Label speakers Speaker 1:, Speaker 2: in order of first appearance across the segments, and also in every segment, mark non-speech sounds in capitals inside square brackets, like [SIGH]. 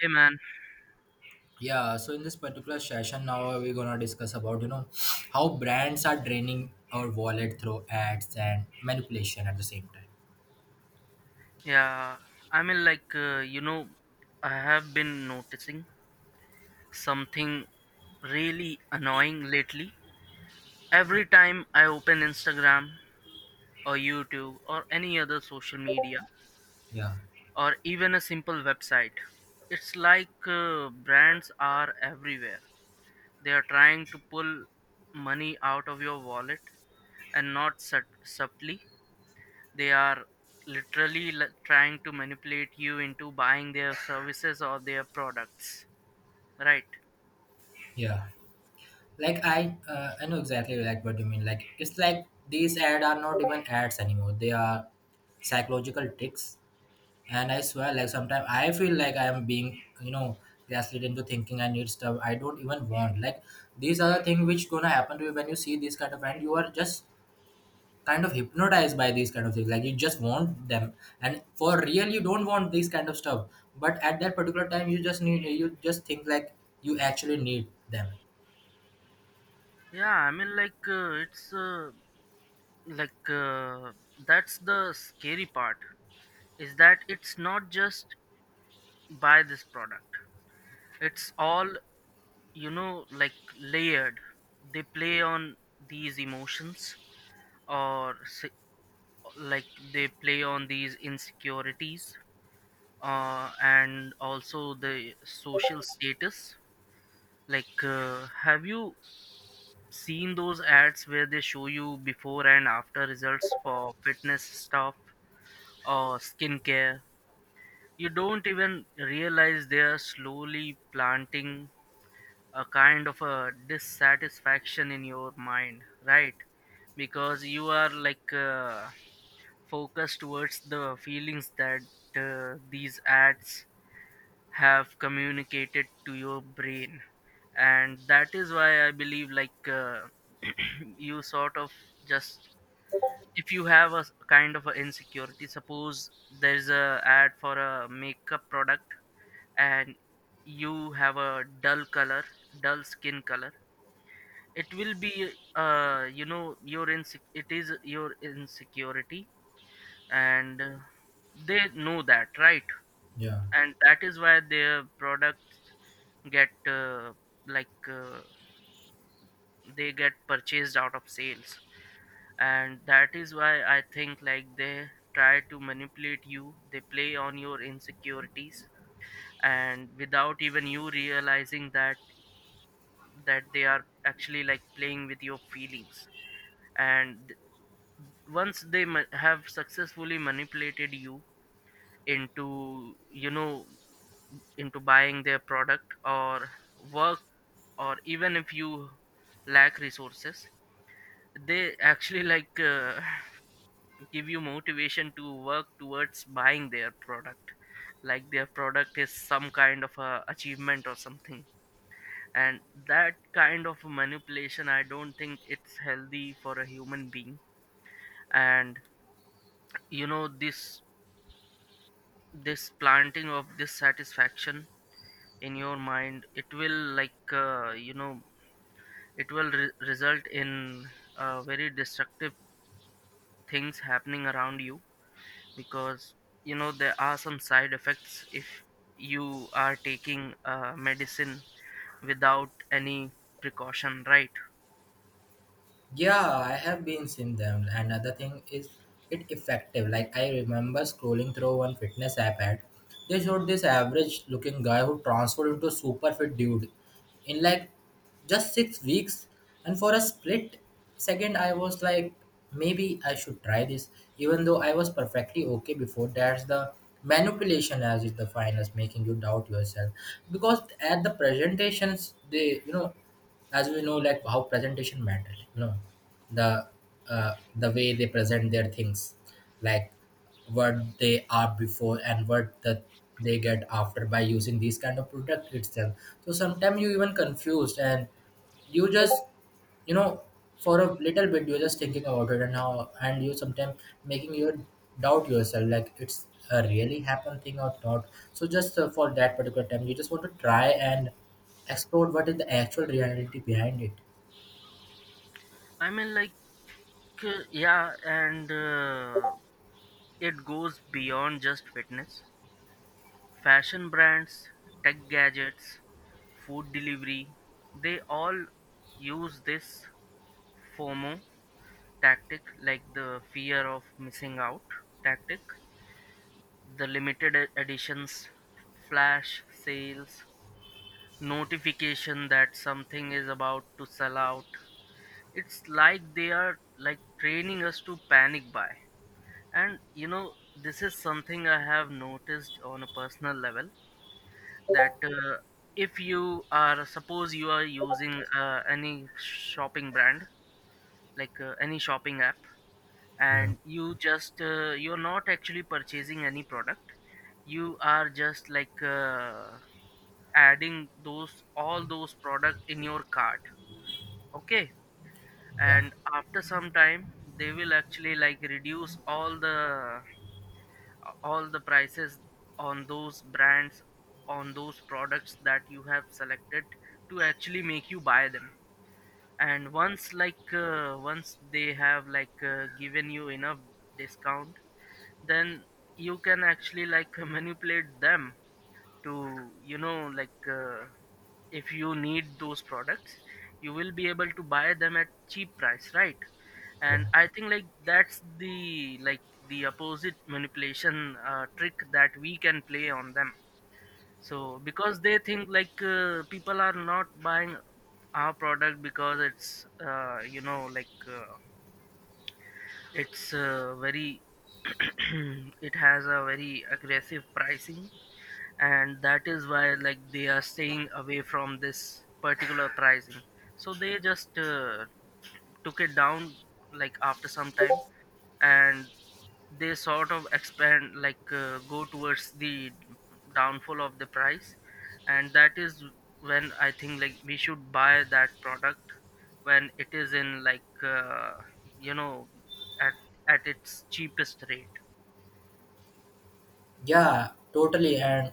Speaker 1: Hey man.
Speaker 2: Yeah, so in this particular session, now we're gonna discuss about how brands are draining our wallet through ads and manipulation at the same time.
Speaker 1: yeah, I mean, like, uh, you know, I have been noticing something really annoying lately. Every time I open Instagram or YouTube or any other social media
Speaker 2: Yeah,
Speaker 1: or even a simple website, it's like brands are everywhere. They are trying to pull money out of your wallet and not subtly. They are literally trying to manipulate you into buying their services or their products, right?
Speaker 2: yeah. Like I, uh, I know exactly like what you mean. Like it's like these ads are not even ads anymore. They are psychological tricks. And I swear, like sometimes I feel like I am being gaslit into thinking I need stuff I don't even want. Like these are the things which gonna happen to you when you see this kind of ad. You are just kind of hypnotized by these kind of things like you just want them, and for real you don't want these kind of stuff, but at that particular time you just need, you just think like you actually need them.
Speaker 1: Yeah, I mean, like, it's like That's the scary part is that it's not just buy this product, it's all like layered. They play on these emotions or se- like they play on these insecurities and also the social status. Have you seen those ads where they show you before and after results for fitness stuff or skincare? You don't even realize they are slowly planting a kind of a dissatisfaction in your mind, right? Because you are focused towards the feelings that these ads have communicated to your brain, and that is why I believe [CLEARS THROAT] you sort of just, if you have a kind of a insecurity, suppose there's a ad for a makeup product and you have a dull color, dull skin color, it will be uh, you know, your it is your insecurity, and they know that, right?
Speaker 2: Yeah.
Speaker 1: And that is why their product get like uh, they get purchased out of sales. And that is why I think like they try to manipulate you, they play on your insecurities, and without even you realizing that that they are actually like playing with your feelings. And once they have successfully manipulated you into, you know, into buying their product or work, or even if you lack resources, they actually give you motivation to work towards buying their product, like their product is some kind of a achievement or something. And that kind of manipulation, I don't think it's healthy for a human being. And you know, this planting of this satisfaction in your mind, it will you know, it will result in very destructive things happening around you, because you know there are some side effects if you are taking medicine without any precaution, right?
Speaker 2: Yeah, I have been seen them. Another thing is it effective. Like I remember scrolling through one fitness app ad. They showed this average looking guy who transformed into super fit dude in like just 6 weeks. And for a split second I was like, maybe I should try this. Even though I was perfectly okay before, that's the manipulation as is the finest, making you doubt yourself. Because at the presentations they, as we know, like how presentation matters, you know, the the way they present their things, like what they are before and what the they get after by using these kind of product itself. So sometimes you even confused and you just, you know, for a little bit you're just thinking about it, and how, and you sometimes making your doubt yourself like it's a really happen thing or not. So just for that particular time you just want to try and explore what is the actual reality behind it.
Speaker 1: I mean like yeah and It goes beyond just fitness. Fashion brands, tech gadgets, food delivery, they all use this fomo tactic, like the fear of missing out tactic, the limited editions, flash sales, notification that something is about to sell out. It's like they are like training us to panic buy. And you know, this is something I have noticed on a personal level, that if you are, suppose you are using any shopping brand, any shopping app,
Speaker 2: Yeah.
Speaker 1: and you just, you're not actually purchasing any product, you are just adding those, all those products in your cart. Okay,
Speaker 2: Yeah.
Speaker 1: and after some time they will actually like reduce all the prices on those brands, on those products that you have selected, to actually make you buy them. And once once they have given you enough discount, then you can actually like [LAUGHS] manipulate them to, you know, if you need those products, you will be able to buy them at cheap price, right? And I think like that's the opposite manipulation trick that we can play on them. So because they think people are not buying our product because it's you know, like it's very [CLEARS THROAT] it has a very aggressive pricing, and that is why like they are staying away from this particular pricing, so they just took it down like after some time. And they sort of expand, go towards the downfall of the price, and that is when I think like we should buy that product, when it is in you know, at at its cheapest rate.
Speaker 2: Yeah, totally, and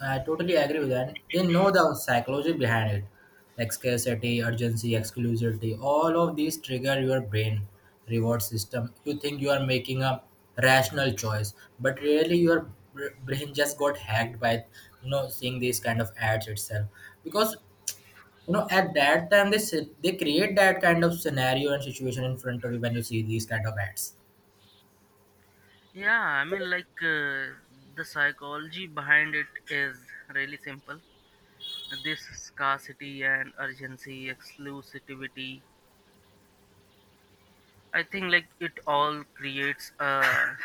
Speaker 2: I totally agree with that. They know the psychology behind it, like scarcity, urgency, exclusivity. All of these trigger your brain reward system. You think you are making a rational choice, but really your brain just got hacked by, you know, seeing these kind of ads itself. Because you know at that time they create that kind of scenario and situation in front of you when you see these kind of ads.
Speaker 1: yeah i mean like uh, the psychology behind it is really simple. This scarcity and urgency exclusivity, I think like it all creates a,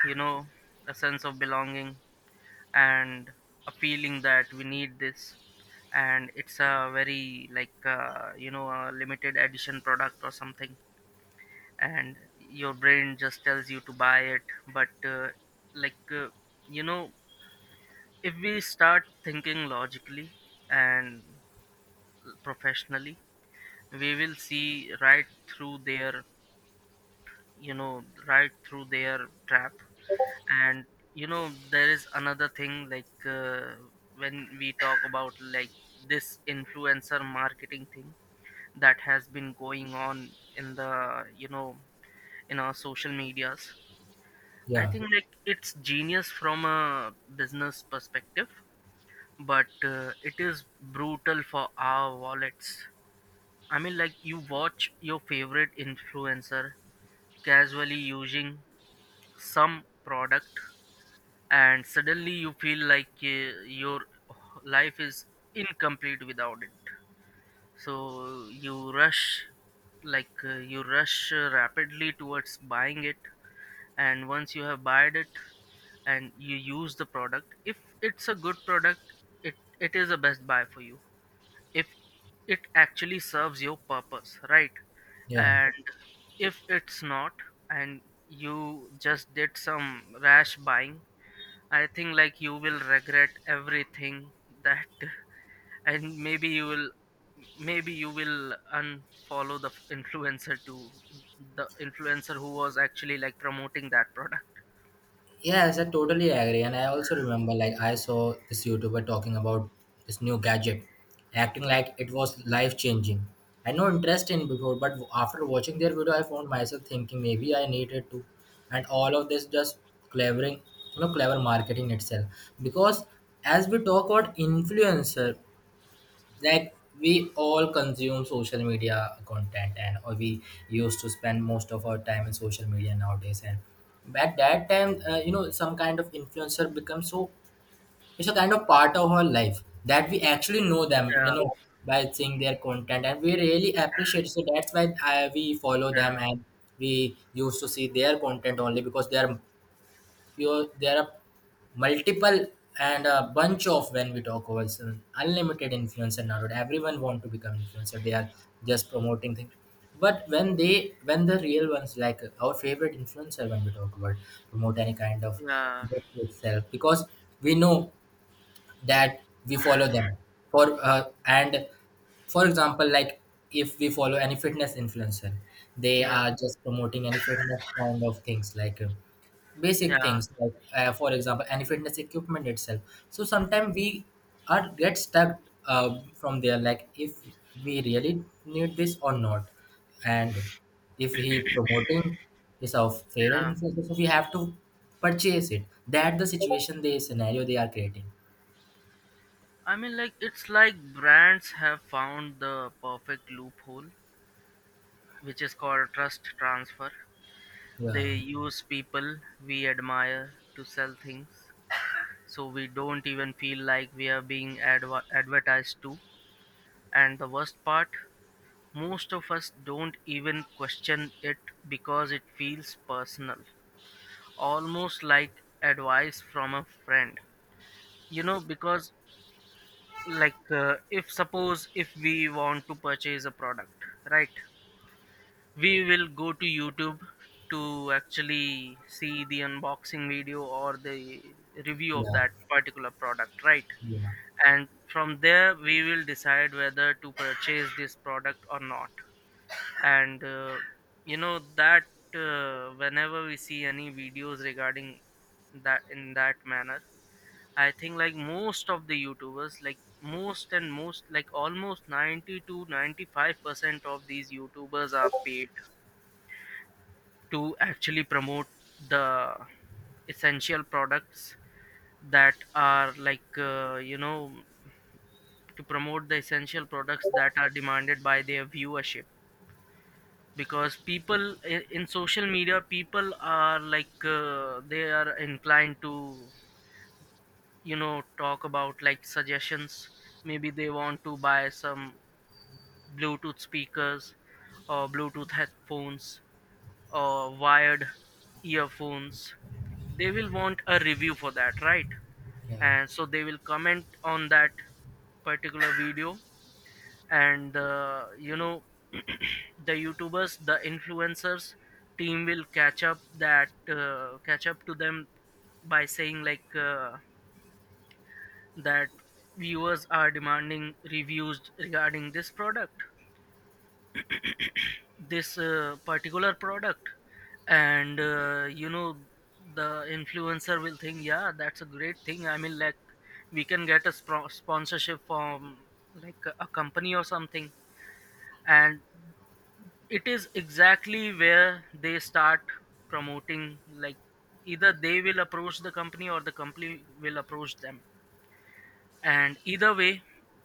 Speaker 1: you know, a sense of belonging, and a feeling that we need this, and it's a very you know, a limited edition product or something, and your brain just tells you to buy it. But like You know, if we start thinking logically and professionally, we will see right through their, you know, right through their trap. And you know, there is another thing when we talk about like this influencer marketing thing that has been going on in the, you know, in our social medias. I
Speaker 2: Yeah.
Speaker 1: think like it's genius from a business perspective, but it is brutal for our wallets. I mean, like, you watch your favorite influencer casually using some product, and suddenly you feel your life is incomplete without it, so you rush, you rush rapidly towards buying it. And once you have bought it and you use the product, if it's a good product, it is a best buy for you, if it actually serves your purpose, right?
Speaker 2: Yeah.
Speaker 1: And if it's not, and you just did some rash buying, I think like you will regret everything that. [LAUGHS] And maybe you will, maybe you will unfollow the influencer, to the influencer who was actually like promoting that product.
Speaker 2: Yes, I totally agree. And I also remember like I saw this YouTuber talking about this new gadget, acting like it was life changing. I had no interest in before, but after watching their video, I found myself thinking maybe I needed to, and all of this just clevering, you know, clever marketing itself. Because as we talk about influencer, like we all consume social media content, and or we used to spend most of our time in social media nowadays, and at that time you know, some kind of influencer becomes so, it's a kind of part of our life that we actually know them, you
Speaker 1: Yeah,
Speaker 2: know, by seeing their content and we really appreciate, so that's why we follow
Speaker 1: yeah,
Speaker 2: them, and we used to see their content only because they are, you there are multiple, and a bunch of, when we talk about some unlimited influencer nowadays, everyone want to become influencer, they are just promoting things. But when they, when the real ones like our favorite influencer, when we talk about promote any kind of
Speaker 1: yeah,
Speaker 2: product itself, because we know that we follow them for and for example like if we follow any fitness influencer, they
Speaker 1: yeah,
Speaker 2: are just promoting any fitness kind of things like
Speaker 1: yeah,
Speaker 2: basic things like for example any fitness equipment itself. So sometimes we are get stuck from there, like if we really need this or not, and if he promoting is our favorite
Speaker 1: yeah.
Speaker 2: influencer, so we have to purchase it, that the situation, the scenario they are creating.
Speaker 1: I mean, like, it's like brands have found the perfect loophole, which is called trust transfer.
Speaker 2: Yeah,
Speaker 1: They use people we admire to sell things, so we don't even feel like we are being advertised to. And the worst part, most of us don't even question it because it feels personal, almost like advice from a friend. You know, because if suppose if we want to purchase a product, right, we will go to youtube to actually see the unboxing video or the review of
Speaker 2: yeah,
Speaker 1: that particular product, right?
Speaker 2: yeah,
Speaker 1: And from there we will decide whether to purchase this product or not. And you know that whenever we see any videos regarding that in that manner, I think like most of the youtubers, like most and most, like almost 90 to 95% of these youtubers are paid to actually promote the essential products that are you know, to promote the essential products that are demanded by their viewership. Because people, in social media, people are they are inclined to, you know, talk about like suggestions. Maybe they want to buy some bluetooth speakers or bluetooth headphones or wired earphones, they will want a review for that, right?
Speaker 2: yeah,
Speaker 1: And so they will comment on that particular video. And you know, [CLEARS THROAT] the youtubers, the influencers team will catch up that, catch up to them by saying that viewers are demanding reviews regarding this product, this particular product. And you know, the influencer will think yeah, that's a great thing. I mean, like, we can get a sponsorship from like a company or something. And it is exactly where they start promoting, like either they will approach the company or the company will approach them. And either way,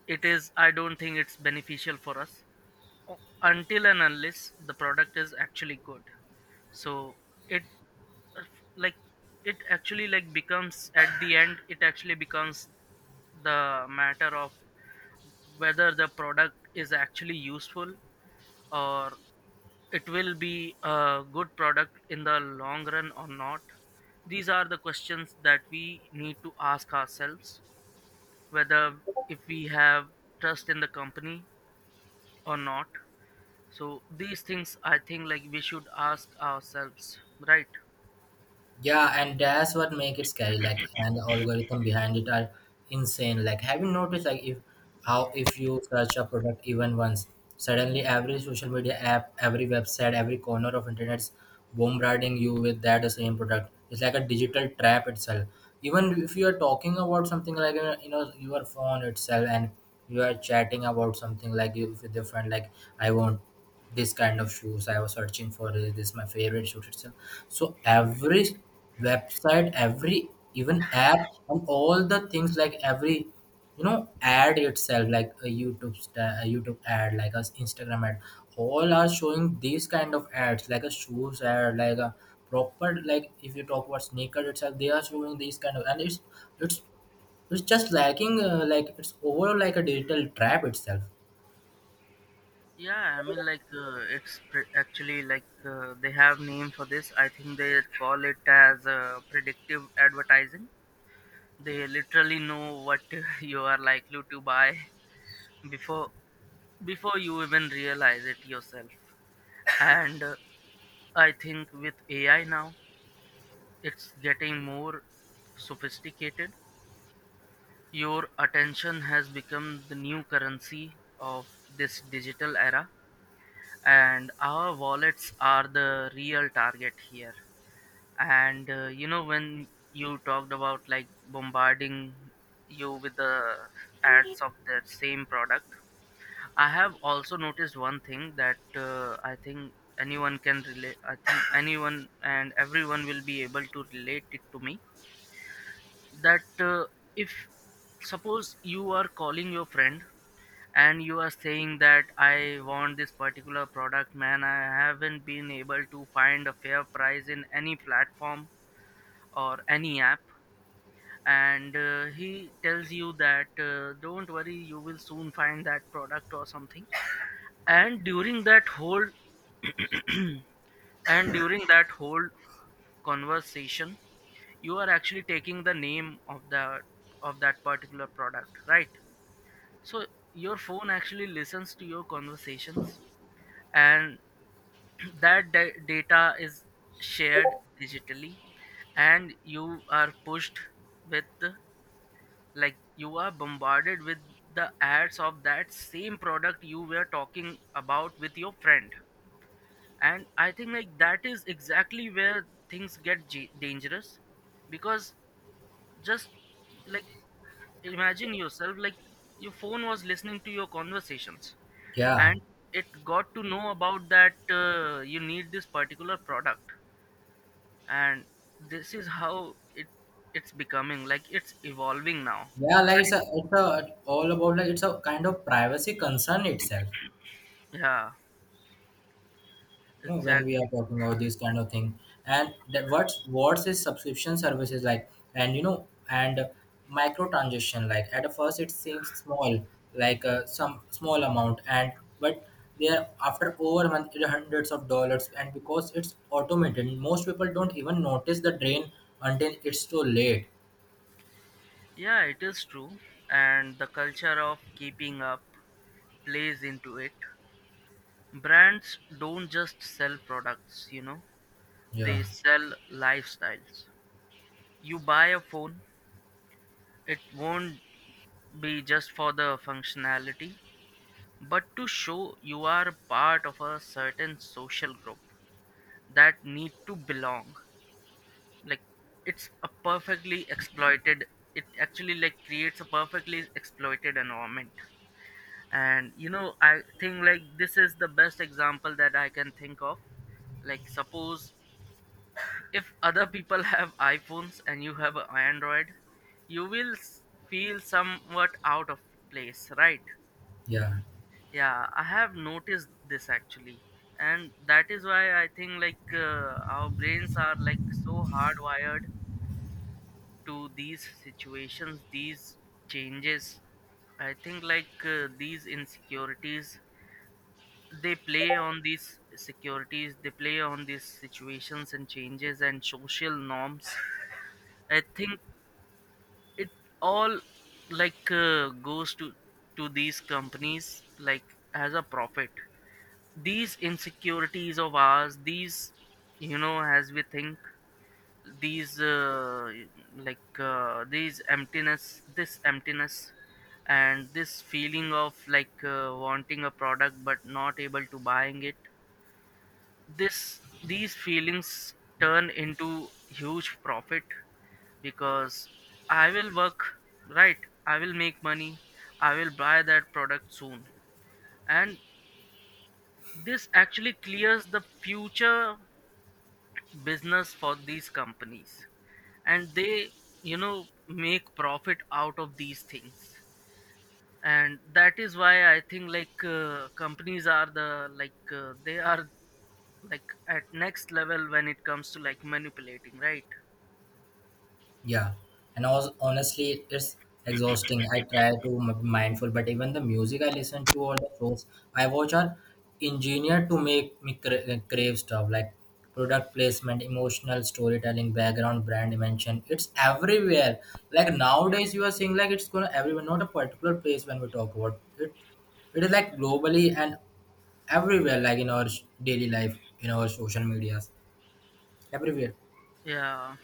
Speaker 1: it is, I don't think it's beneficial for us, until and unless the product is actually good. So it uh, f- like it actually like becomes, at the end, it actually becomes the matter of whether the product is actually useful, or it will be a good product in the long run or not. These are the questions that we need to ask ourselves, whether, if we have trust in the company or not. So these things, I think like, we should ask ourselves, right?
Speaker 2: yeah, and that's what make it scary. Like, and the algorithm behind it are insane. Like, have you noticed like if how if you search a product even once, suddenly every social media app, every website, every corner of internet's bombarding you with that same product. It's like a digital trap itself. Even if you are talking about something like you know, your phone itself, and you are chatting about something like you with your friend, like I won't. This kind of shoes I was searching for it. This is my favorite shoes itself. So every website, every even app and all the things like every, you know, ad itself, like a a youtube ad, like a instagram ad, all are showing these kind of ads, like a shoes ad, like a proper, like if you talk about sneaker itself, they are showing these kind of, and it's it's just lacking like it's overall like a digital trap itself.
Speaker 1: It's actually they have name for this, I think they call it as predictive advertising. They literally know what [LAUGHS] you are likely to buy before, before you even realize it yourself. And I think with AI now, it's getting more sophisticated. Your attention has become the new currency of this digital era, and our wallets are the real target here. And you know, when you talked about like bombarding you with the ads of that same product, I have also noticed one thing, that I think anyone can relate. I think anyone and everyone will be able to relate it to me. That if suppose you are calling your friend and you are saying that I want this particular product, man, I haven't been able to find a fair price in any platform or any app. And he tells you that don't worry, you will soon find that product or something and during that whole And during that whole conversation, you are actually taking the name of the of that particular product, right? So your phone actually listens to your conversations, and [CLEARS THROAT] that data is shared digitally, and you are pushed with the- like you are bombarded with the ads of that same product you were talking about with your friend. And I think like that is exactly where things get dangerous because just like imagine yourself, like your phone was listening to your conversations
Speaker 2: Yeah.
Speaker 1: and it got to know about that you need this particular product, and this is how it's becoming, like it's evolving now,
Speaker 2: Yeah, like it's
Speaker 1: right?
Speaker 2: a, it's a all about like it's a kind of privacy concern itself.
Speaker 1: Yeah,
Speaker 2: You know, when we
Speaker 1: exactly.
Speaker 2: are talking about these kind of thing, and that what's is subscription services like, and you know, and microtransaction like at first it seems small, like some small amount, and but there after over a month it hundreds of dollars, and because it's automated, most people don't even notice the drain until it's too late.
Speaker 1: Yeah, it is true, and the culture of keeping up plays into it. Brands don't just sell products, you know,
Speaker 2: Yeah,
Speaker 1: they sell lifestyles. You buy a phone, it won't be just for the functionality, but to show you are a part of a certain social group that need to belong. Like it's a perfectly exploited it actually like creates a perfectly exploited environment. And you know, I think like this is the best example that I can think of. Like suppose if other people have iPhones and you have an Android, you will feel somewhat out of place, right?
Speaker 2: yeah.
Speaker 1: Yeah, I have noticed this actually, and that is why I think like our brains are like so hardwired to these situations, these changes. I think like these insecurities they play on, these securities they play on, these situations and changes and social norms. I think it all like goes to these companies like as a profit. These insecurities of ours, these, you know, as we think, these like these emptiness, this emptiness, and this feeling of like wanting a product but not able to buying it, this, these feelings turn into huge profit, because I will work, right? I will make money. I will buy that product soon. And this actually clears the future business for these companies. And they, you know, make profit out of these things. And that is why I think like companies are the, like they are like at next level when it comes to like manipulating, right?
Speaker 2: Yeah, and also, honestly, it's exhausting. I try to be mindful, but even the music I listen to or the shows I watch are engineered to make me crave stuff like product placement, emotional storytelling, background brand mention. It's everywhere. Like nowadays, you are seeing like it's gonna everywhere, not a particular place when we talk about it. It is like globally and everywhere, like in our daily life, in our social medias, everywhere.
Speaker 1: Yeah,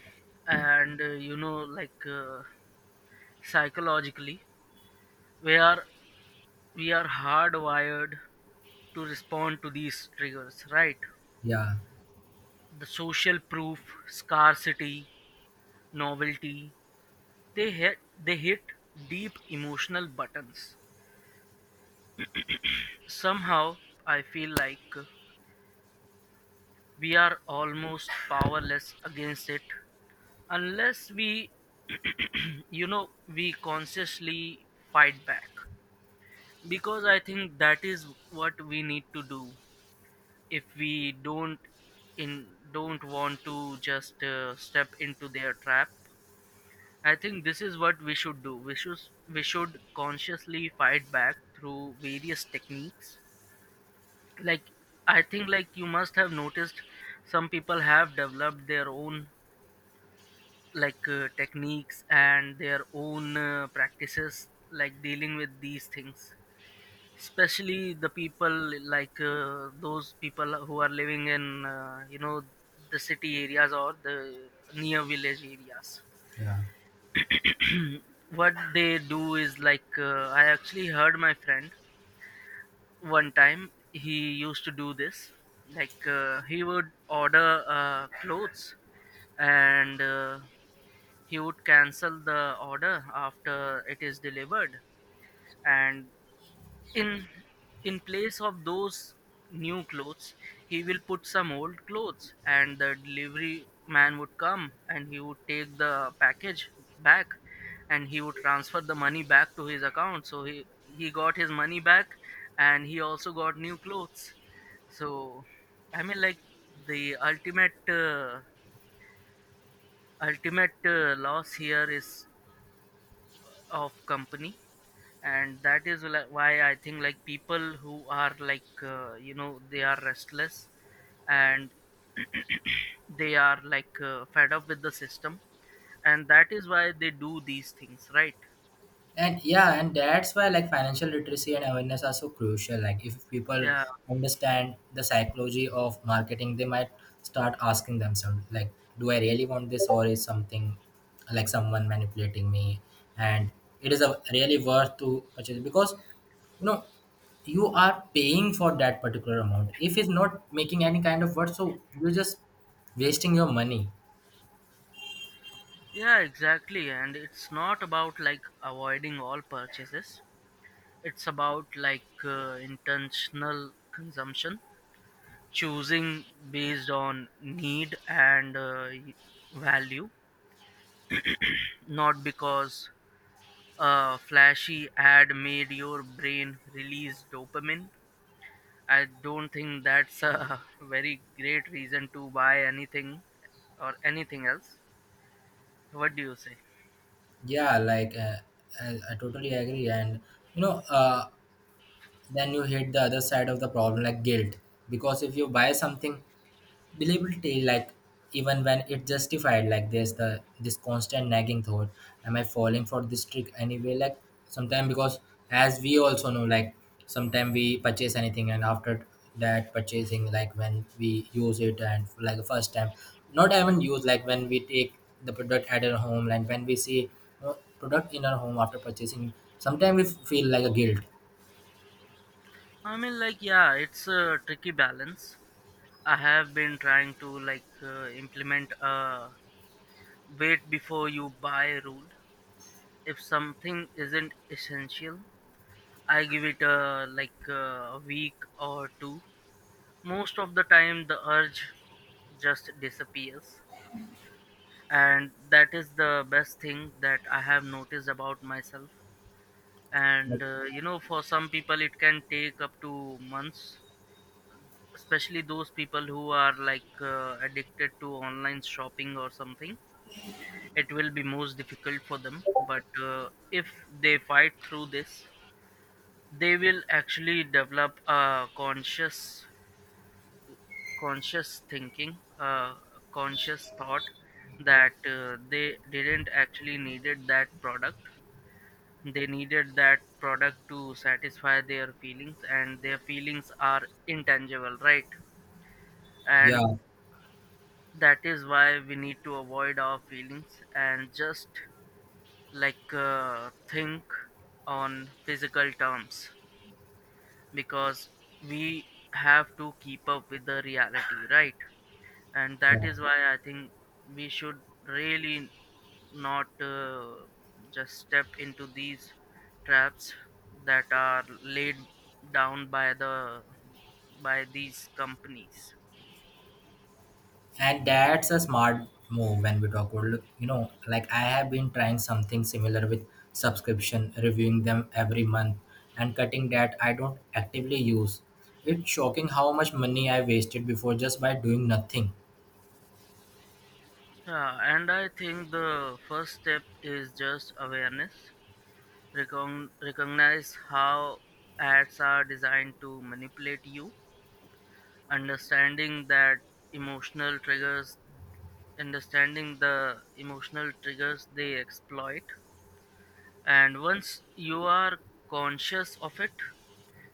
Speaker 1: and you know, like psychologically we are we are hardwired to respond to these triggers, right?
Speaker 2: Yeah,
Speaker 1: The social proof, scarcity, novelty, they hit, they hit deep emotional buttons. Somehow I feel like we are almost powerless against it unless we, you know, we consciously fight back, because I think that is what we need to do. If we don't, in don't want to just step into their trap, I think this is what we should do. We should consciously fight back through various techniques. Like I think like you must have noticed some people have developed their own like techniques and their own practices like dealing with these things, especially the people, like those people who are living in you know, the city areas or the near village areas.
Speaker 2: yeah.
Speaker 1: What they do is like I actually heard my friend one time he used to do this. Like he would order clothes, and he would cancel the order after it is delivered, and in in place of those new clothes he will put some old clothes, and the delivery man would come and he would take the package back, and he would transfer the money back to his account, so he got his money back and he also got new clothes. So I mean, like the ultimate loss here is of company. And that is like why I think like people who are like you know, they are restless, and [CLEARS THROAT] they are like fed up with the system, and that is why they do these things, right?
Speaker 2: And yeah, and that's why like financial literacy and awareness are so crucial. Like if people
Speaker 1: Yeah.
Speaker 2: understand the psychology of marketing, they might start asking themselves, like, do I really want this or is something like someone manipulating me? And it is a really worth to purchase because, you know, you are paying for that particular amount. If it's not making any kind of worth, so you're just wasting your money.
Speaker 1: Yeah, exactly, and it's not about like avoiding all purchases. It's about like intentional consumption, choosing based on need and value, not because a flashy ad made your brain release dopamine. I don't think that's a [LAUGHS] very great reason to buy anything or anything else. What do you say?
Speaker 2: Yeah, like uh, I totally agree. And you know, then you hit the other side of the problem like guilt, because if you buy something believability like even when it justified, like there's the this constant nagging thought, am I falling for this trick anyway? Like sometimes, because as we also know, like sometimes we purchase anything and after that purchasing like when we use it and like the first time, not even use, like when we take the product at our home and when we see uh, product in our home after purchasing, sometimes we feel like a guilt.
Speaker 1: I mean, like, yeah, it's a tricky balance. I have been trying to like implement a wait before you buy rule. If something isn't essential, I give it a like a week or two. Most of the time, the urge just disappears, and that is the best thing that I have noticed about myself.
Speaker 2: Like,
Speaker 1: And you know, for some people, it can take up to months, especially those people who are like addicted to online shopping or something. It will be most difficult for them, but if they fight through this, they will actually develop a conscious thinking, uh, conscious thought that they didn't actually needed that product. They needed that product to satisfy their feelings, and their feelings are intangible, right? And
Speaker 2: yeah.
Speaker 1: that is why we need to avoid our feelings and just like think on physical terms, because we have to keep up with the reality, right? And that
Speaker 2: Yeah.
Speaker 1: is why I think we should really not just step into these traps that are laid down by the, by these companies.
Speaker 2: And that's a smart move when we talk about, look, you know, like I have been trying something similar with subscription, reviewing them every month and cutting that I don't actively use. It's shocking how much money I wasted before just by doing nothing.
Speaker 1: Yeah, and I think the first step is just awareness. Recognize how ads are designed to manipulate you, understanding that emotional triggers understanding the emotional triggers they exploit. And once you are conscious of it,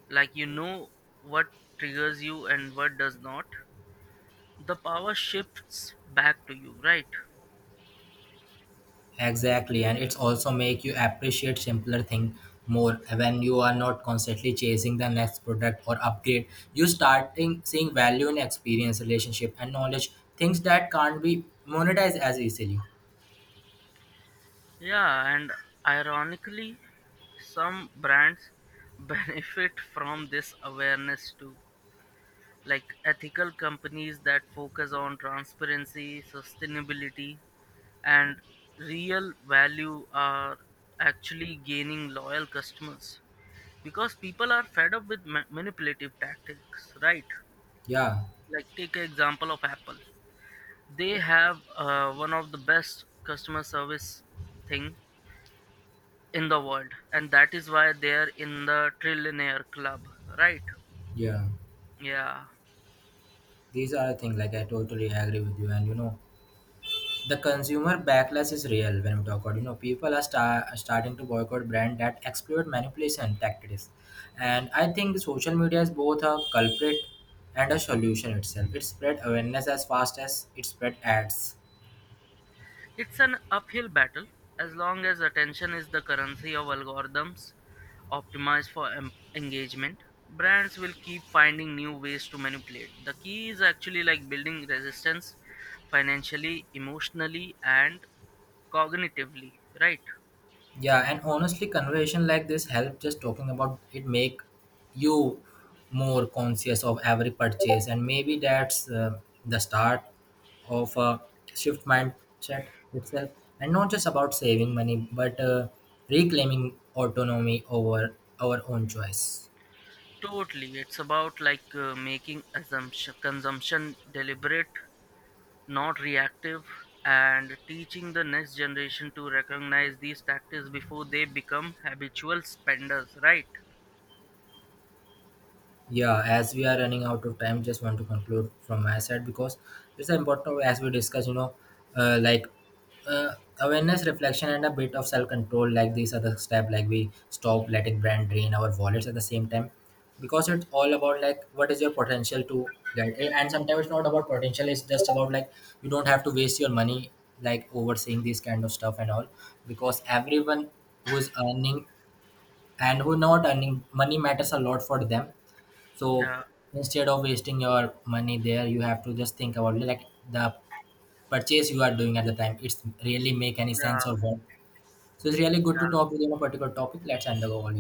Speaker 1: like you know what triggers you and what does not, the power shifts back to you, right?
Speaker 2: Exactly, and it's also make you appreciate simpler thing more when you are not constantly chasing the next product or upgrade. You starting seeing value in experience, relationship, and knowledge, things that can't be monetized as easily.
Speaker 1: Yeah, and ironically, some brands [LAUGHS] benefit from this awareness too. Like ethical companies that focus on transparency, sustainability, and real value are actually gaining loyal customers because people are fed up with manipulative tactics, right?
Speaker 2: Yeah.
Speaker 1: Like take an example of Apple. They have one of the best customer service thing in the world, and that is why they are in the trillionaire club, right?
Speaker 2: Yeah,
Speaker 1: Yeah.
Speaker 2: these are the things like I totally agree with you. And you know, the consumer backlash is real when we talk about, you know, people are starting to boycott brand that exploit manipulation tactics, and I think social media is both a culprit and a solution itself. It spread awareness as fast as it spread ads.
Speaker 1: It's an uphill battle. As long as attention is the currency of algorithms optimized for engagement. Brands will keep finding new ways to manipulate. The key is actually like building resistance financially, emotionally, and cognitively, right?
Speaker 2: Yeah, and honestly, conversation like this help, just talking about it make you more conscious of every purchase, and maybe that's the start of a shift mindset itself, and not just about saving money, but reclaiming autonomy over our own choice.
Speaker 1: Totally. It's about like making assumption consumption deliberate, not reactive, and teaching the next generation to recognize these tactics before they become habitual spenders, right?
Speaker 2: Yeah, as we are running out of time, just want to conclude from my side because it's important as we discuss, you know, uh, like awareness, reflection, and a bit of self control. Like these are the steps, like we stop letting brand drain our wallets at the same time, because it's all about like what is your potential to get. And sometimes it's not about potential, it's just about like you don't have to waste your money like overseeing this kind of stuff and all, because everyone who is earning and who not earning money matters a lot for them. So
Speaker 1: Yeah,
Speaker 2: instead of wasting your money there, you have to just think about like the purchase you are doing at the time. It's really make any
Speaker 1: yeah,
Speaker 2: sense or what. So it's really good to talk with you on a particular topic. Let's end the call here.